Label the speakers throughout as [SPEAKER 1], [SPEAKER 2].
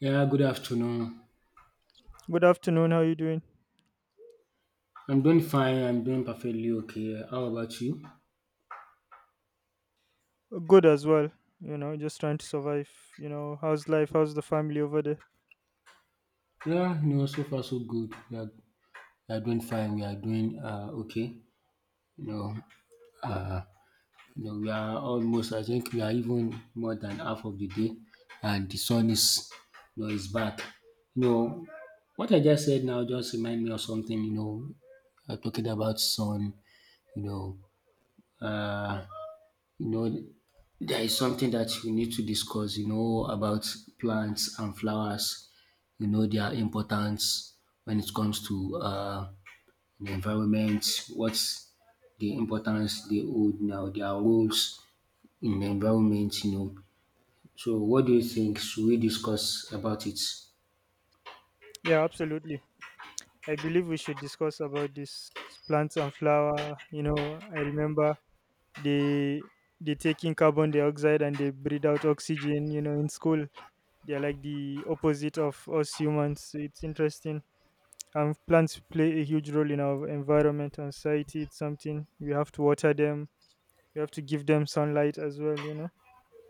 [SPEAKER 1] Yeah, good afternoon.
[SPEAKER 2] Good afternoon. How you doing?
[SPEAKER 1] I'm doing fine. I'm doing perfectly okay. How about you?
[SPEAKER 2] Good as well. You know, just trying to survive. You know, how's life? How's the family over there?
[SPEAKER 1] Yeah, so far so good. We are doing fine. We are doing okay. You know, uh, we are almost. I think we are even more than half of the day, and the sun is back. You know, what I just said now just remind me of something. Talking about sun. You know, uh, you know there is something that we need to discuss, about plants and flowers, their importance, when it comes to the environment, what's the importance they hold, now their roles in the environment so what do you think, should we discuss about it?
[SPEAKER 2] Yeah, absolutely. I believe we should discuss about this plants and flower. You know, I remember they they take in carbon dioxide and they breathe out oxygen. You know, in school they're like the opposite of us humans. So it's interesting. And plants play a huge role in our environment and society. It's something we have to water them. We have to give them sunlight as well. You know.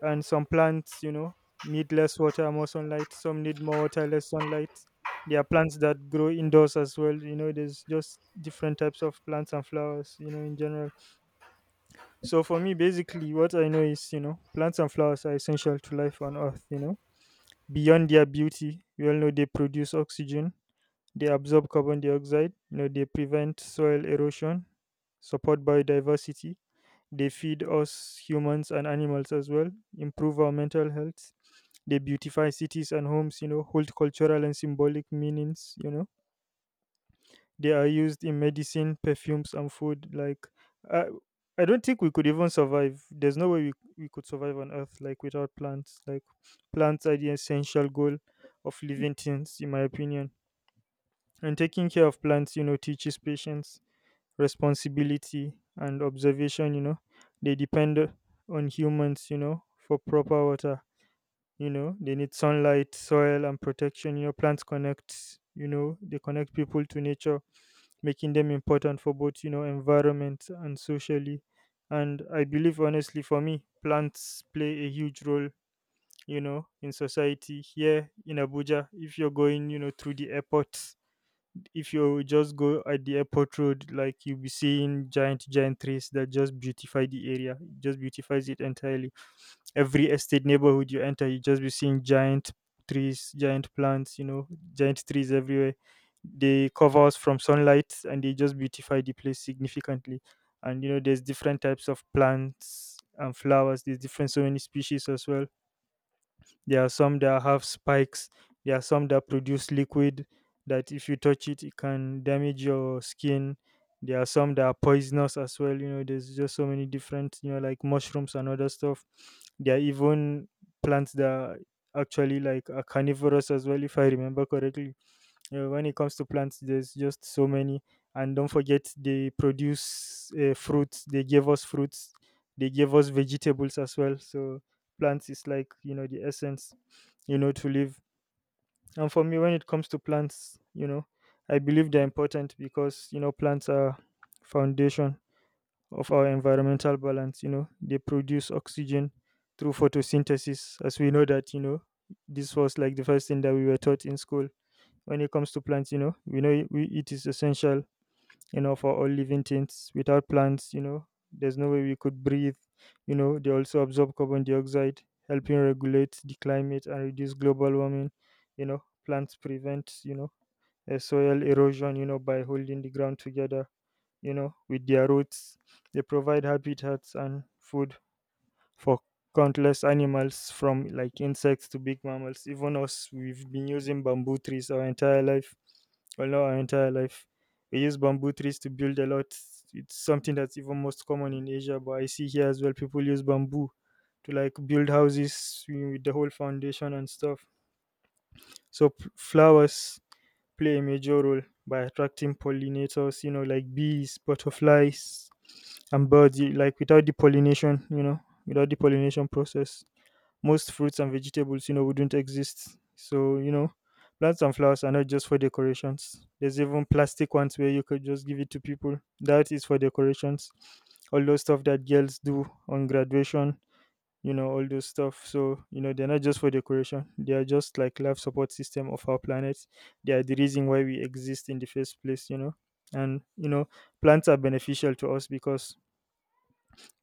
[SPEAKER 2] And some plants, you know, need less water, more sunlight, some need more water, less sunlight. There are plants that grow indoors as well, you know. There's just different types of plants and flowers, you know, in general. So for me, basically, what I know is, you know, plants and flowers are essential to life on earth, you know. Beyond their beauty, we all know they produce oxygen, they absorb carbon dioxide, you know, they prevent soil erosion, support biodiversity, they feed us humans and animals as well, improve our mental health, they beautify cities and homes, you know, hold cultural and symbolic meanings, you know. They are used in medicine, perfumes and food. Like I, I don't think we could even survive. There's no way we could survive on earth, like, without plants. Like, plants are the essential goal of living things, in my opinion. And taking care of plants, you know, teaches patience, responsibility, and observation, you know. They depend on humans, you know, for proper water. You know, they need sunlight, soil, and protection. You know, plants connect, you know, they connect people to nature, making them important for both, you know, environment and socially. And I believe, honestly, for me, plants play a huge role, you know, in society here in Abuja. If you're going, you know, through the airport, if you just go at the airport road, like, you'll be seeing giant trees that just beautify the area. It just beautifies it entirely. Every estate, neighborhood you enter, you just be seeing giant trees, giant plants, you know, giant trees everywhere. They cover us from sunlight and they just beautify the place significantly. And you know, there's different types of plants and flowers, there's different, so many species as well. There are some that have spikes. There are some that produce liquid that if you touch it, it can damage your skin. There are some that are poisonous as well. You know, there's just so many different, you know, like mushrooms and other stuff. There are even plants that are actually like are carnivorous as well, if I remember correctly. You know, when it comes to plants, there's just so many. And don't forget, they produce fruits. They gave us fruits. They gave us vegetables as well. So plants is like, you know, the essence, you know, to live. And for me, when it comes to plants, you know, I believe they're important because, you know, plants are foundation of our environmental balance. You know, they produce oxygen through photosynthesis, as we know that, you know, this was like the first thing that we were taught in school. When it comes to plants, you know, we know it is essential, you know, for all living things. Without plants, you know, there's no way we could breathe. You know, they also absorb carbon dioxide, helping regulate the climate and reduce global warming. You know, plants prevent, you know, soil erosion, you know, by holding the ground together, you know, with their roots. They provide habitats and food for countless animals, from like insects to big mammals. Even us, we've been using bamboo trees our entire life. Well, not our entire life. We use bamboo trees to build a lot. It's something that's even most common in Asia, but I see here as well, people use bamboo to like build houses with the whole foundation and stuff. So flowers play a major role by attracting pollinators, you know, like bees, butterflies, and birds. Like, without the pollination, you know, without the pollination process, most fruits and vegetables, you know, wouldn't exist. So, you know, plants and flowers are not just for decorations. There's even plastic ones where you could just give it to people. That is for decorations. All those stuff that girls do on graduation, you know, all those stuff. So, you know, they're not just for decoration. They are just like life support system of our planet. They are the reason why we exist in the first place, you know. And you know, plants are beneficial to us because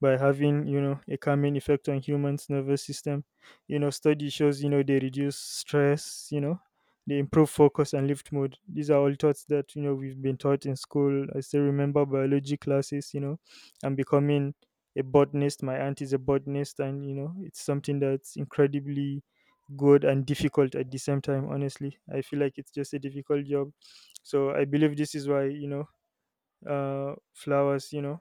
[SPEAKER 2] by having, you know, a calming effect on humans nervous system. You know, study shows, you know, they reduce stress, you know, they improve focus and lift mood. These are all thoughts that, you know, we've been taught in school. I still remember biology classes, you know. I'm becoming a botanist. My aunt is a botanist, and you know, it's something that's incredibly good and difficult at the same time. Honestly, I feel like it's just a difficult job. So I believe this is why, you know, flowers, you know,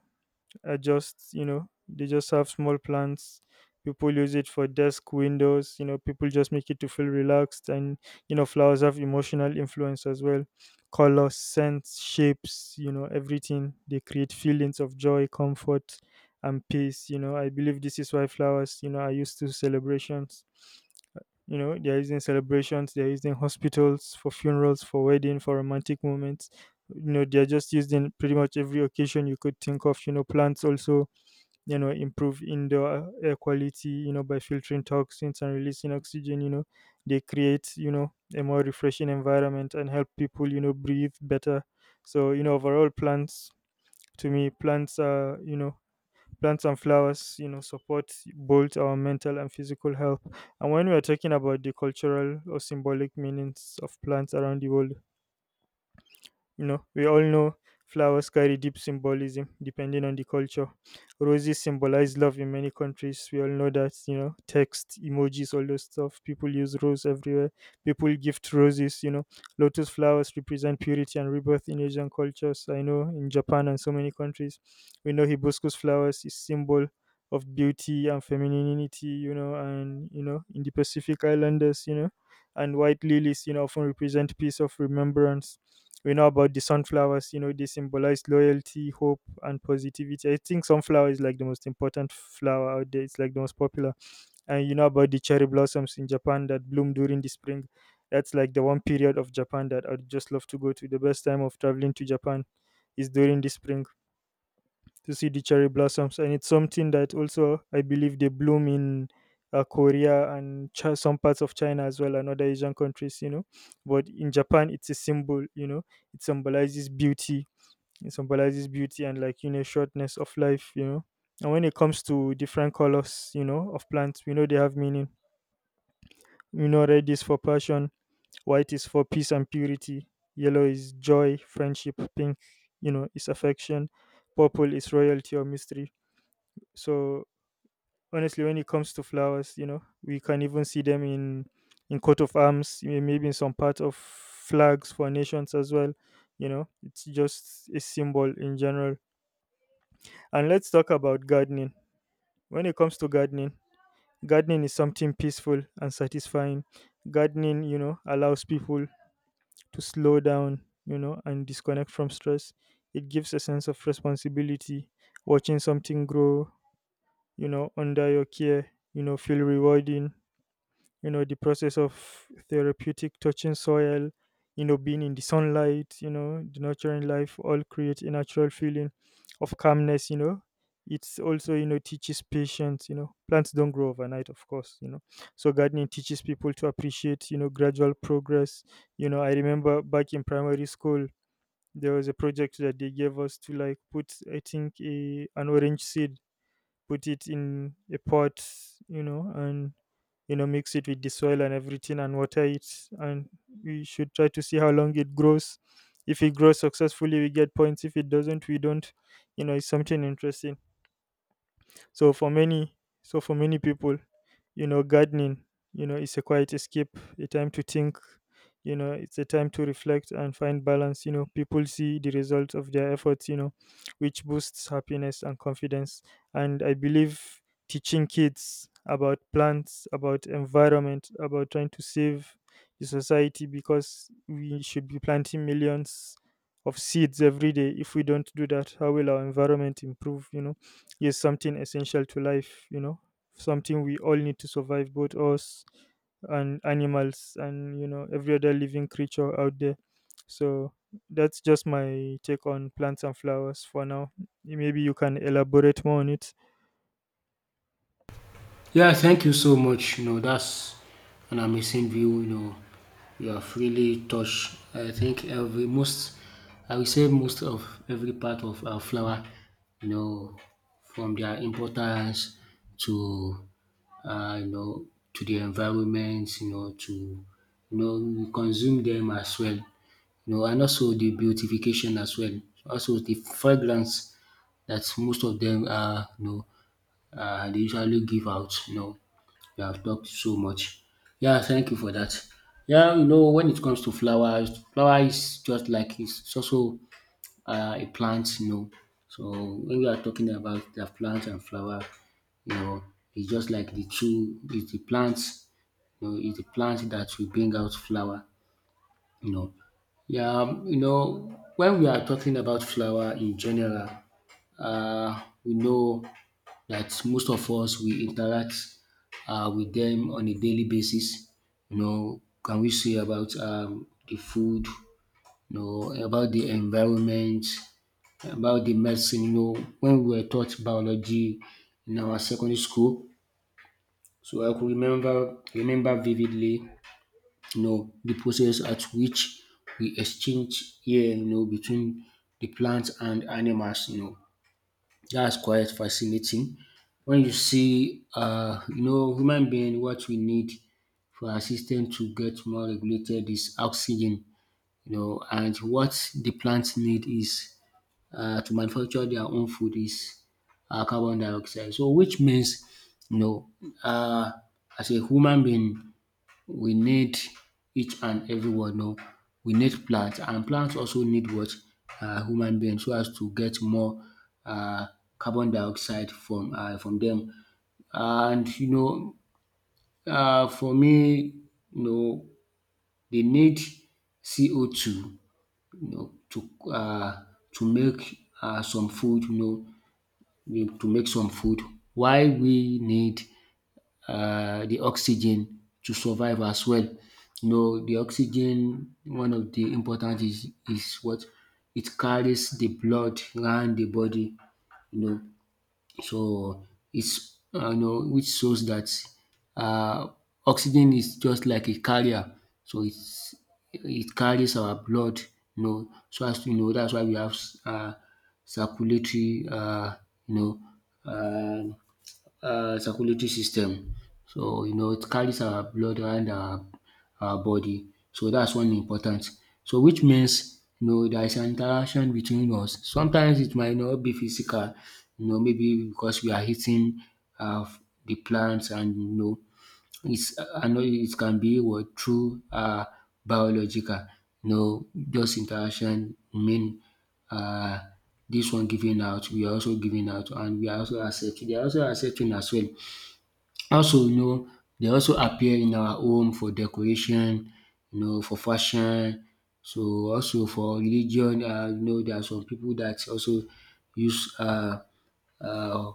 [SPEAKER 2] are just, you know, they just have small plants. People use it for desk, windows, you know. People just make it to feel relaxed. And you know, flowers have emotional influence as well. Color, scents, shapes, you know, everything. They create feelings of joy, comfort, and peace. You know, I believe this is why flowers, you know, are used to celebrations. You know, they're using celebrations, they're using hospitals, for funerals, for wedding, for romantic moments. You know, they're just used in pretty much every occasion you could think of. You know, plants also, you know, improve indoor air quality, you know, by filtering toxins and releasing oxygen. You know, they create, you know, a more refreshing environment and help people, you know, breathe better. So you know, overall plants, to me, plants are, you know, plants and flowers, you know, support both our mental and physical health. And when we are talking about the cultural or symbolic meanings of plants around the world, you know, we all know flowers carry deep symbolism depending on the culture. Roses symbolize love in many countries. We all know that, you know, text, emojis, all those stuff. People use rose everywhere. People gift roses, you know. Lotus flowers represent purity and rebirth in Asian cultures. I know in Japan and so many countries. We know hibiscus flowers is symbol of beauty and femininity, you know, and you know, in the Pacific Islanders, you know. And white lilies, you know, often represent peace of remembrance. We know about the sunflowers, you know, they symbolize loyalty, hope, and positivity. I think sunflower is like the most important flower out there. It's like the most popular. And you know about the cherry blossoms in Japan that bloom during the spring. That's like the one period of Japan that I'd just love to go to. The best time of traveling to Japan is during the spring, to see the cherry blossoms. And it's something that also I believe they bloom in Korea and some parts of China as well, and other Asian countries, you know. But in Japan it's a symbol, you know, it symbolizes beauty. It symbolizes beauty and, like, you know, shortness of life, you know. And when it comes to different colors, you know, of plants, we know they have meaning. We know red is for passion, white is for peace and purity, yellow is joy, friendship, pink, you know, is affection, purple is royalty or mystery. So honestly, when it comes to flowers, you know, we can even see them in coat of arms, maybe in some part of flags for nations as well. You know, it's just a symbol in general. And let's talk about gardening. When it comes to gardening, gardening is something peaceful and satisfying. Gardening, you know, allows people to slow down, you know, and disconnect from stress. It gives a sense of responsibility. Watching something grow, you know, under your care, you know, feel rewarding. You know, the process of therapeutic, touching soil, you know, being in the sunlight, you know, the nurturing life, all create a natural feeling of calmness, you know. It's also, you know, teaches patience, you know. Plants don't grow overnight, of course, you know. So gardening teaches people to appreciate, you know, gradual progress. You know, I remember back in primary school there was a project that they gave us to, like, put, I think, an orange seed, put it in a pot, you know, and you know mix it with the soil and everything and water it. And we should try to see how long it grows. If it grows successfully, we get points. If it doesn't, we don't. It's something interesting. So for many people, you know, gardening, is a quiet escape, a time to think, it's a time to reflect and find balance. People see the results of their efforts, which boosts happiness and confidence. And I believe teaching kids about plants, about environment, about trying to save the society, because we should be planting millions of seeds every day. If we don't do that, how will our environment improve? Is something essential to life, something we all need to survive, both us and animals and, every other living creature out there. So that's just my take on plants and flowers for now. Maybe you can elaborate more on it.
[SPEAKER 1] Yeah, thank you so much. That's an amazing view. You have really touched. I think every most, I will say most of every part of our flower. You know, from their importance to, uh, you know, to the environment. To, we consume them as well. And also the beautification as well. Also the fragrance that most of them are. They usually give out. You have talked so much. Yeah, thank you for that. Yeah, when it comes to flowers, flower is just like it's also a plant. So when we are talking about the plant and flower, you know, it's just like the two, it's the plants, it's the plant that will bring out flower. You know, when we are talking about flower in general, we know that most of us we interact with them on a daily basis. Can we say about, the food? About the environment, about the medicine. When we were taught biology in our secondary school, so I could remember vividly, the process at which we exchange air, between the plants and animals. That's quite fascinating. When you see, human being, what we need for our system to get more regulated is oxygen, and what the plants need is to manufacture their own food is carbon dioxide. So, which means, you know, uh, as a human being, we need each and everyone. No, we need plants, and plants also need what? Human beings, so as to get more um carbon dioxide from from them. And for me you know they need CO2, know to um to make some food, to make some food. Why we need the oxygen to survive as well. The oxygen, one of the important is what, it carries the blood around the body, you know. So which shows that uh, oxygen is just like a carrier. So it's, it carries our blood. So as you know, that's why we have uh, circulatory, you know, uh, circulatory system. It carries our blood around our body. So that's one important. So which means there is an interaction between us. Sometimes it might not be physical, maybe because we are hitting uh, the plants, and it's, I know it can be what, through biological, those interaction, I mean uh, this one giving out, we are also giving out, and we are also accepting. They are also accepting as well. Also, they also appear in our home for decoration, for fashion. So also for religion, there are some people that also use uh,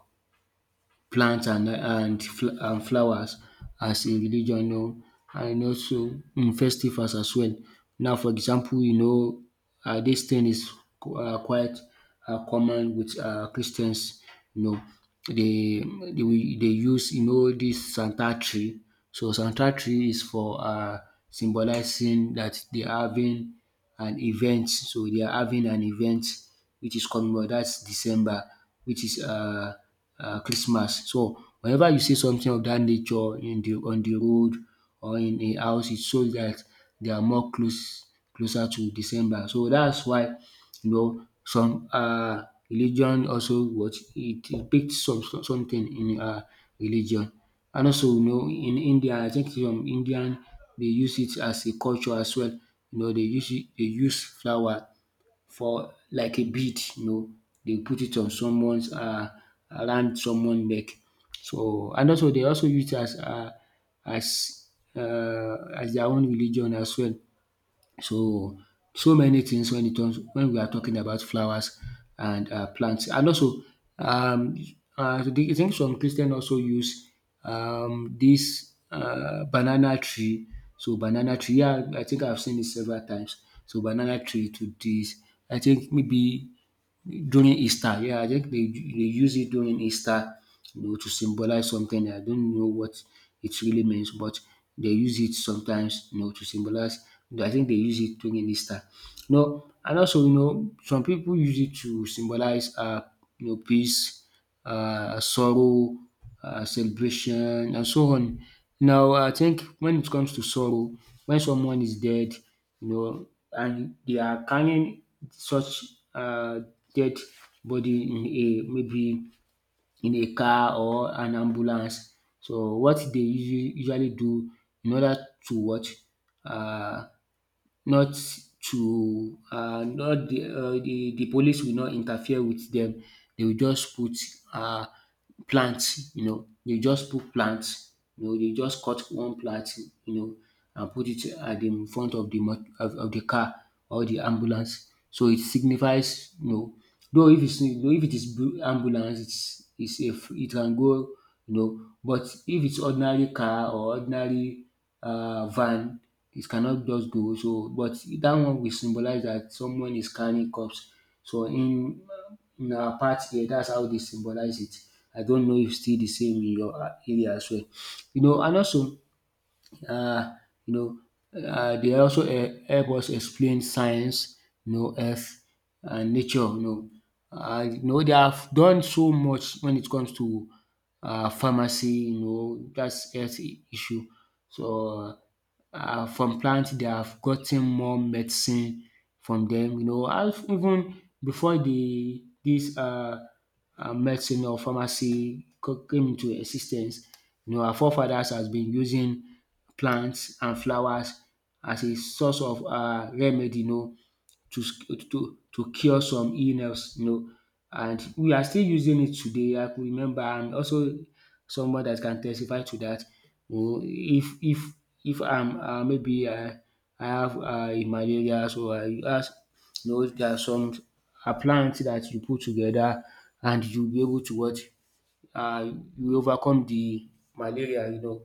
[SPEAKER 1] plants and flowers as in religion, and also festivals as well. Now for example this thing is quite common with Christians, you know they they will dey use, this Santa tree. So Santa tree is for symbolizing that they are having an event, so they are having an event which is coming up. That's December, which is Christmas. So whenever you see something of that nature in the on the road or in a house, it shows that they are more close closer to December. So that's why some religion also, what, it depicts some something in religion. And also in India, I think some Indian, they use it as a culture as well. They use it dey use flower for like a bead, they put it on someone's around someone neck. So and also they also use it as as as their own religion as well. So, so many things when it comes, when we are talking about flowers and plants. And also, um, I think some Christian also use, this banana tree. So banana tree, yeah, I think I've seen it several times. So banana tree to this, I think maybe during Easter, yeah, I think they use it during Easter, to symbolize something. I don't know what it really means, but they use it sometimes, to symbolize. I think they use it during Easter. No, and also, some people use it to symbolize, peace, sorrow, celebration, and so on. Now, I think when it comes to sorrow, when someone is dead, and they are carrying such uh, dead body in a, maybe in a car or an ambulance. So what they usually do in order to what, uh, not to, not the, the police will not interfere with them. They will just put uh, plants. They just put plants. They just cut one plant you know and put it at the, in front of the mo of the car or the ambulance. So it signifies though if it's, though if it is ambulance, it's a it can go but if it's ordinary car or ordinary van, it cannot just go. So, but that one will symbolize that someone is carrying cups. So in our part here, that's how they symbolize it. I don't know if still the same in your area as well. And also um you know dey also help us explain science, earth and nature. They have done so much when it comes to pharmacy, that's health issue. So from plants they have gotten more medicine from them. And even before the dis medicine or pharmacy came into existence, our forefathers has been using plants and flowers as a source of remedy to to cure some illness and we are still using it today. I could remember, and also someone that can testify to dat. um if if if I am maybe I have malaria, so I ask, there are some, a plant that you put together, and you will be able to what, uh, you overcome the malaria.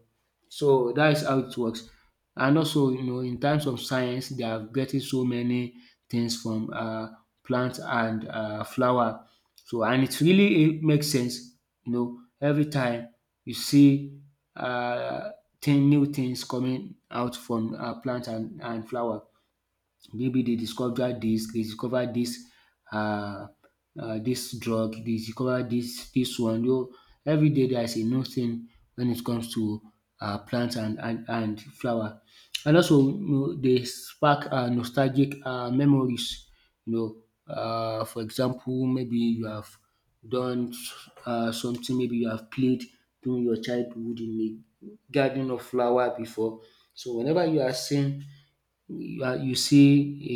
[SPEAKER 1] So that is how it works. And also in terms of science they are getting so many things from plant and flower. So and it really it makes sense, every time you see uh thing new things coming out from plant and flower. Maybe they discovered this, uh, this drug, they discovered this, this one. Every day there is a new thing when it comes to plants and flower. And also, they spark nostalgic memories. For example, maybe you have done something, maybe you have played during your childhood in a garden of flower before. So whenever you see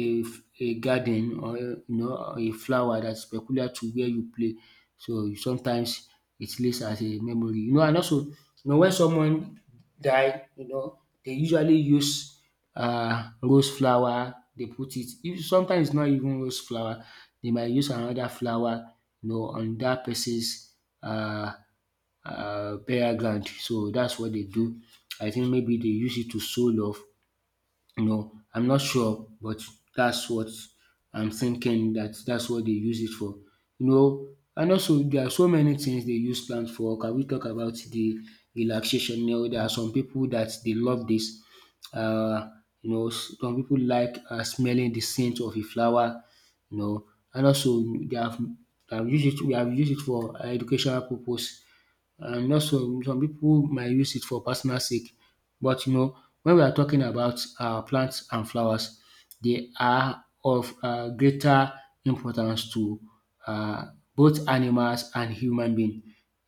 [SPEAKER 1] a garden or a flower that's peculiar to where you play. So sometimes it lives as a memory. And also when someone die they usually use rose flower. They put it, if sometimes it's not even rose flower they might use another flower on that person's uh burial ground. So that's what they do. I think maybe they use it to show love. No, I'm not sure, but that's what I'm thinking, that that's what they use it for. You know, and also there are so many things they use plants for. Can we talk about the relaxation? You know, there are some people that they love this. Uh, some people like smelling the scent of a flower. You know, and also they have used it. We have used it for educational purpose, and also some people might use it for personal sake. But when we are talking about plants and flowers, they are of greater importance to both animals and human being.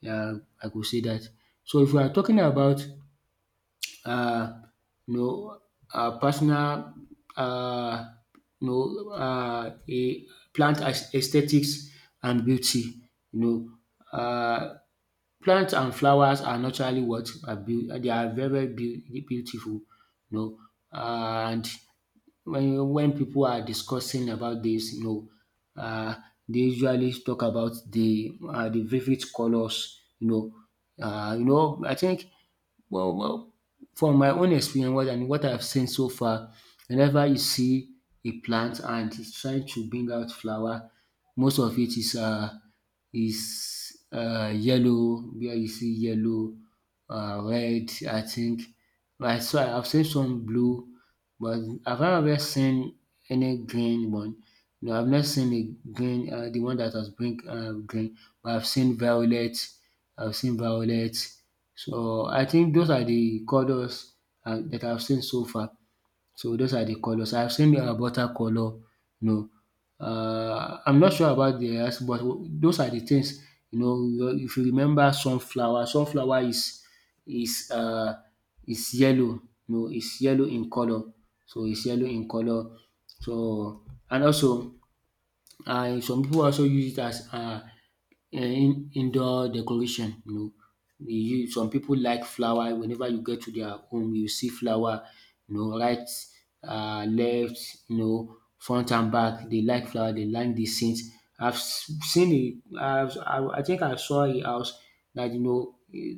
[SPEAKER 1] I could say that. So if we are talking about um you know personal, um a plant as aesthetics and beauty, you know um plants and flowers are naturally what are they are very beautiful, you know. And when people are discussing about this, uh, they usually talk about the vivid colors, you know. I think, well well, from my own experience what I've seen so far, whenever you see a plant and it's trying to bring out flower, most of it is yellow. Where you see yellow, red, I think. Right, so I've seen some blue, but I have never seen any green one? No, I've not seen a green, the one that has bring green, but I've seen violet. I've seen violet. So I think those are the colors that I've seen so far. So those are the colors. I've seen watercolor. No, I'm not sure about the rest, but those are the things. You know, if you remember sunflower, sunflower is uh, is yellow. No, it's yellow in color. So it's yellow in color. So, and also, and some people also use it as in indoor decoration. You know, we use some people like flower. Whenever you get to their home you see flower, you know, right, left, you know, front and back. They like flower, they like the scent. I've s- seen I I've I think I saw a house that, you know,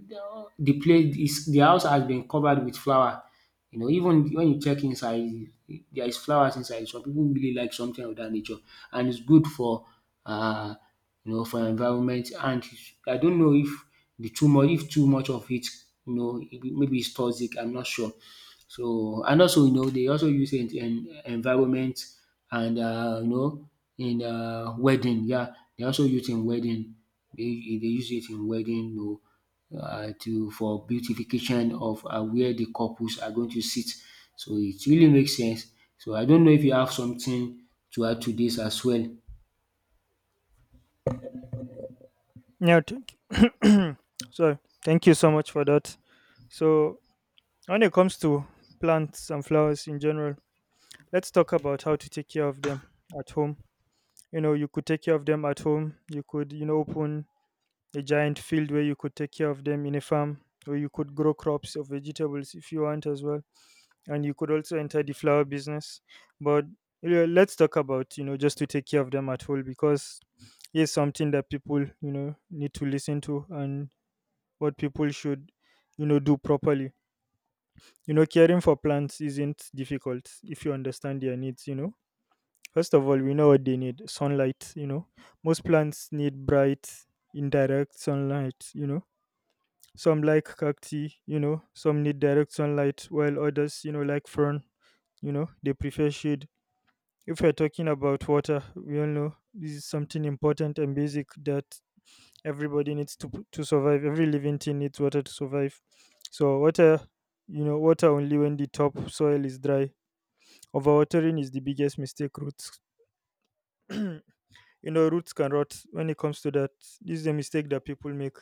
[SPEAKER 1] the place is, the house has been covered with flower. You know, even when you check inside, there is flowers inside. Some people really like something of that nature, and it's good for, uh, you know, for environment. And I don't know if the too much if too much of it, you know, maybe it's toxic. I'm not sure. So and also, you know, they also use it in environment and you know, in wedding, yeah. They also use in wedding, they use it in wedding, you know, to for beautification of where the couples are going to sit. So it really makes sense. So I don't know if you have something to add to this as well.
[SPEAKER 2] Yeah, thank you. Sorry. Thank you so much for that. So, when it comes to plants and flowers in general, let's talk about how to take care of them at home. You could take care of them at home. You could, open a giant field where you could take care of them in a farm, or you could grow crops or vegetables if you want as well, and you could also enter the flower business. But yeah, let's talk about, just to take care of them at whole, because it's something that people, need to listen to, and what people should, do properly. Caring for plants isn't difficult if you understand their needs. First of all, we know what they need. Sunlight, most plants need bright, indirect sunlight. Some like cacti, some need direct sunlight, while others, like fern, they prefer shade. If we're talking about water, we all know this is something important and basic that everybody needs to survive. Every living thing needs water to survive. So water, water only when the top soil is dry. Overwatering is the biggest mistake. Roots you roots can rot when it comes to that. This is a mistake that people make,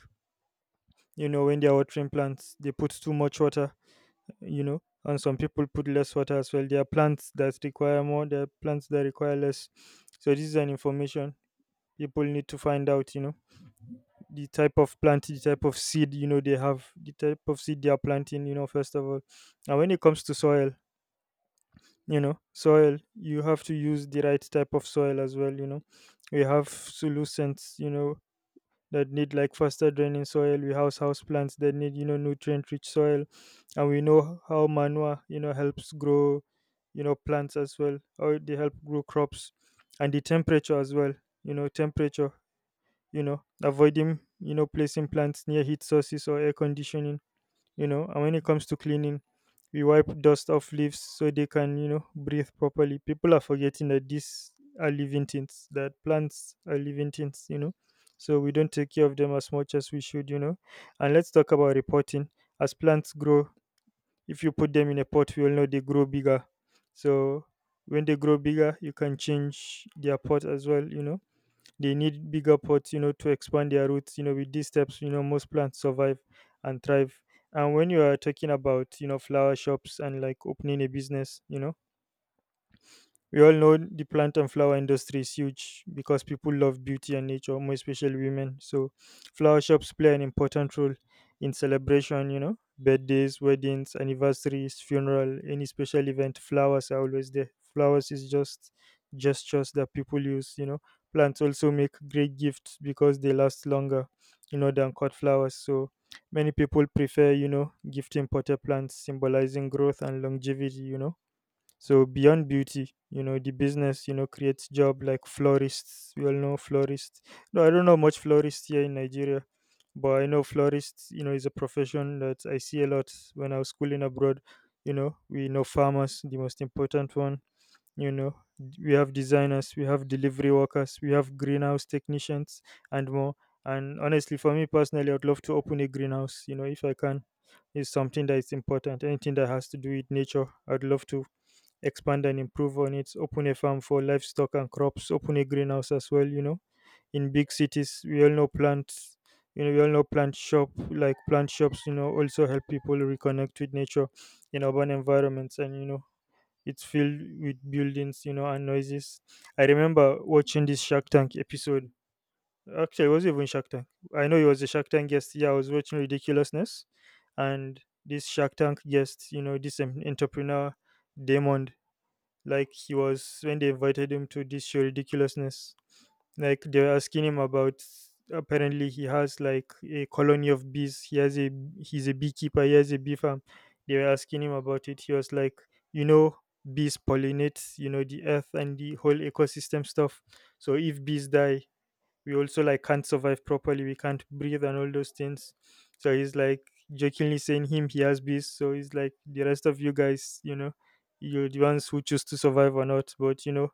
[SPEAKER 2] when they're watering plants they put too much water, and some people put less water as well. There are plants that require more, there are plants that require less. So this is an information people need to find out, the type of plant, the type of seed, they have, the type of seed they are planting, first of all. And when it comes to soil, soil, you have to use the right type of soil as well. We have solutions, that need like faster draining soil. We house plants that need, nutrient rich soil, and we know how manure, helps grow, plants as well, or they help grow crops. And the temperature as well. You know, temperature. Avoiding, placing plants near heat sources or air conditioning. And when it comes to cleaning, we wipe dust off leaves so they can, breathe properly. People are forgetting that these are living things, that plants are living things, so we don't take care of them as much as we should, and let's talk about reporting. As plants grow, if you put them in a pot, we all know they grow bigger. So when they grow bigger, you can change their pot as well. They need bigger pots, to expand their roots. With these steps, most plants survive and thrive. And when you are talking about, flower shops and like opening a business, we all know the plant and flower industry is huge, because people love beauty and nature, more especially women. So, flower shops play an important role in celebration, birthdays, weddings, anniversaries, funeral, any special event. Flowers are always there. Flowers is just gestures that people use, Plants also make great gifts because they last longer, than cut flowers. So, many people prefer, gifting potted plants symbolizing growth and longevity. So beyond beauty, the business, creates job like florists. We all know florists. No, I don't know much florists here in Nigeria, but I know florists, is a profession that I see a lot when I was schooling abroad. We know farmers, the most important one. We have designers, we have delivery workers, we have greenhouse technicians, and more. And honestly, for me personally, I'd love to open a greenhouse. You know, if I can, is something that is important. Anything that has to do with nature, I'd love to expand and improve on it, open a farm for livestock and crops, open a greenhouse as well, In big cities, we all know plants, we all know plant shop, like plant shops, also help people reconnect with nature in urban environments, and, it's filled with buildings, and noises. I remember watching this Shark Tank episode. Actually, it wasn't even Shark Tank. I know it was a Shark Tank guest. Yeah, I was watching Ridiculousness, and this Shark Tank guest, this entrepreneur, Damon, like, he was, when they invited him to this show Ridiculousness, like they were asking him about, apparently he has like a colony of bees. He has a, he's a beekeeper, he has a bee farm. They were asking him about it. He was like, you know, bees pollinate, the earth and the whole ecosystem stuff. So if bees die, we also like can't survive properly. We can't breathe and all those things. So he's like, jokingly saying, him, he has bees. So he's like, the rest of you guys, you're the ones who choose to survive or not. But you know,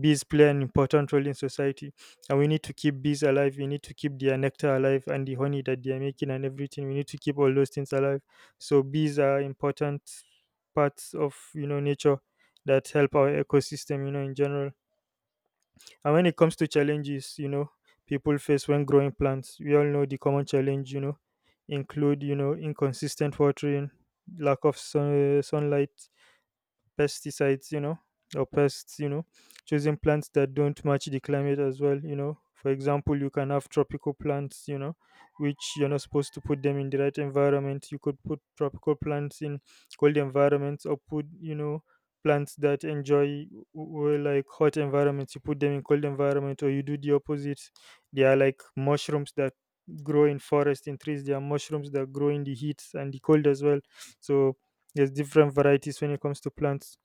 [SPEAKER 2] bees play an important role in society, and we need to keep bees alive, we need to keep their nectar alive and the honey that they are making and everything. We need to keep all those things alive. So bees are important parts of, nature that help our ecosystem, in general. And when it comes to challenges, people face when growing plants, we all know the common challenge, include, inconsistent watering, lack of sun, sunlight, pesticides, or pests, choosing plants that don't match the climate as well, For example, you can have tropical plants, which you're not supposed to put them in the right environment. You could put tropical plants in cold environments, or put, plants that enjoy like hot environments. You put them in cold environment, or you do the opposite. They are like mushrooms that grow in forest in trees. There are mushrooms that grow in the heat and the cold as well. So there's different varieties when it comes to plants.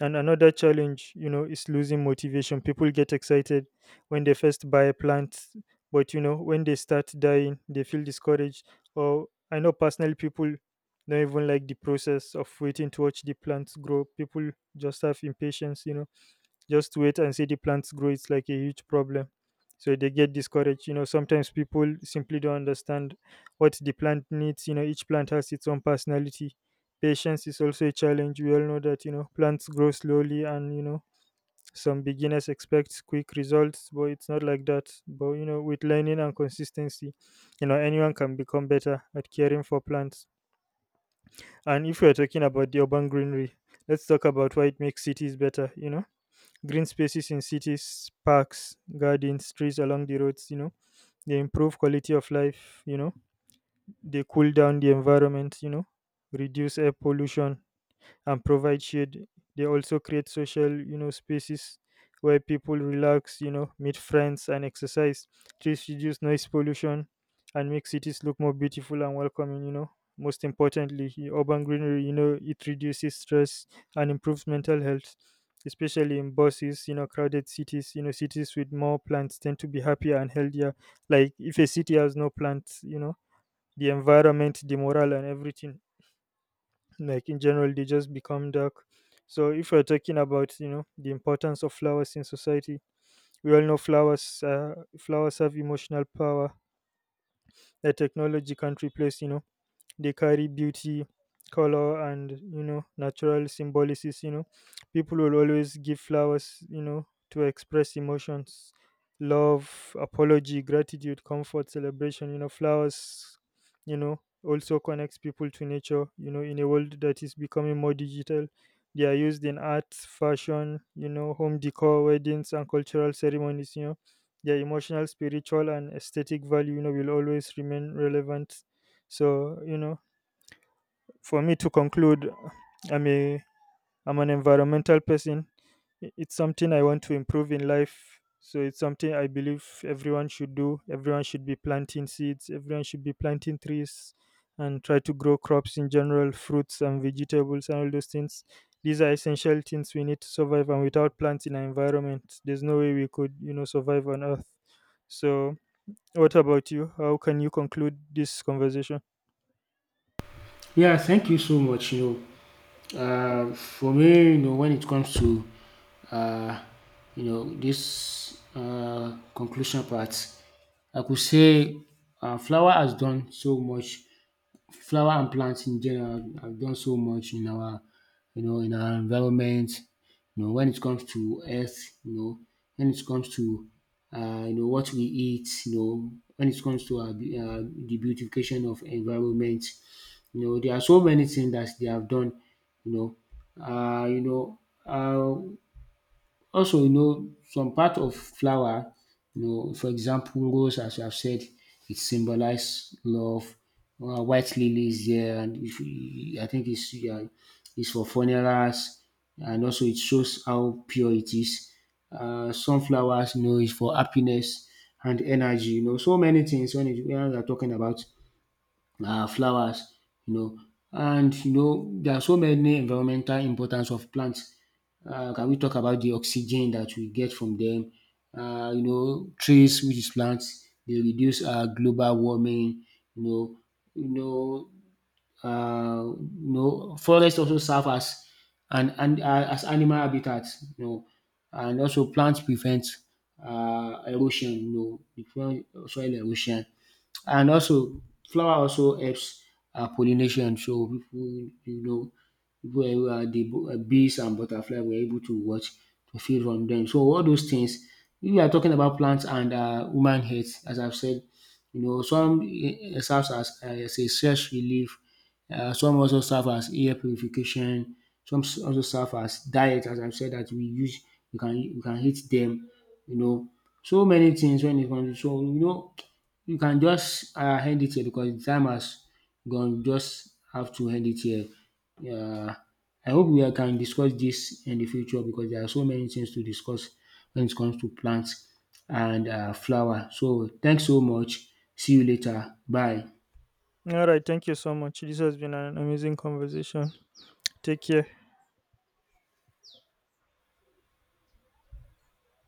[SPEAKER 2] And another challenge, is losing motivation. People get excited when they first buy a plant, but you know, when they start dying, they feel discouraged. Or I know personally people don't even like the process of waiting to watch the plants grow. People just have impatience, just wait and see the plants grow. It's like a huge problem, so they get discouraged. Sometimes people simply don't understand what the plant needs. Each plant has its own personality. Patience is also a challenge. We all know that, plants grow slowly, and, some beginners expect quick results, but it's not like that. But you know, with learning and consistency, anyone can become better at caring for plants. And if we're talking about the urban greenery, let's talk about why it makes cities better. Green spaces in cities, parks, gardens, trees along the roads, they improve quality of life, they cool down the environment, reduce air pollution, and provide shade. They also create social, spaces where people relax, meet friends and exercise. Trees reduce noise pollution and make cities look more beautiful and welcoming, Most importantly, urban greenery, it reduces stress and improves mental health, especially in buses, crowded cities. You know, cities with more plants tend to be happier and healthier. Like if a city has no plants, the environment, the morale and everything, like in general, they just become dark. So if we're talking about, the importance of flowers in society, we all know flowers, flowers have emotional power that technology can't replace, they carry beauty, color, and, natural symbolics. People will always give flowers, to express emotions, love, apology, gratitude, comfort, celebration. Flowers, also connects people to nature, in a world that is becoming more digital. They are used in art, fashion, home decor, weddings, and cultural ceremonies. Their emotional, spiritual, and aesthetic value, will always remain relevant. So, for me to conclude, I'm a, I'm an environmental person. It's something I want to improve in life. So it's something I believe everyone should do. Everyone should be planting seeds. Everyone should be planting trees and try to grow crops in general, fruits and vegetables and all those things. These are essential things we need to survive, and without plants in our environment, there's no way we could, survive on earth. So what about you? How can you conclude this conversation?
[SPEAKER 1] Yeah, thank you so much. You know, for me, you know, when it comes to uh, this conclusion part, I could say, flower has done so much. Flower and plants in general have done so much in our, you know, in our environment. You know, when it comes to earth, you know, when it comes to, you know, what we eat, you know, when it comes to our, the beautification of environment. You know, there are so many things that they have done. You know, uh, you know. Uh, also, you know, some part of flower, you know, for example, rose, as you have said, it symbolizes love. White lily is there, and if you, I think it's, yeah, it's for funerals, and also it shows how pure it is. Sunflowers, you know, is for happiness and energy. You know, so many things when when we are talking about flowers, you know. And you know there are so many environmental importance of plants. Can we talk about the oxygen that we get from them? You know, trees which is plants, they reduce global warming, you know you know you know, forest also serve as and an as animal habitats, you know. And also plants prevent erosion, you know before soil erosion. And also, flower also helps pollination. So people, you know, people everywhere, the bees and butterfly were able to watch to feed from them. So all those things. We are talking about plants and human health, as I've said. You know, some serves as a stress relief. Some also serve as air purification. Some also serve as diet, as I've said that we use. We can eat them. You know, so many things when it comes to. So you know, you can just end it here because the time has gone. We just have to end it here. um I hope we can discuss this in the future because there are so many things to discuss when it comes to plants and flower. So thanks so much. See you later. Bye.
[SPEAKER 2] All right, thank you so much. This has been an amazing conversation. Take care.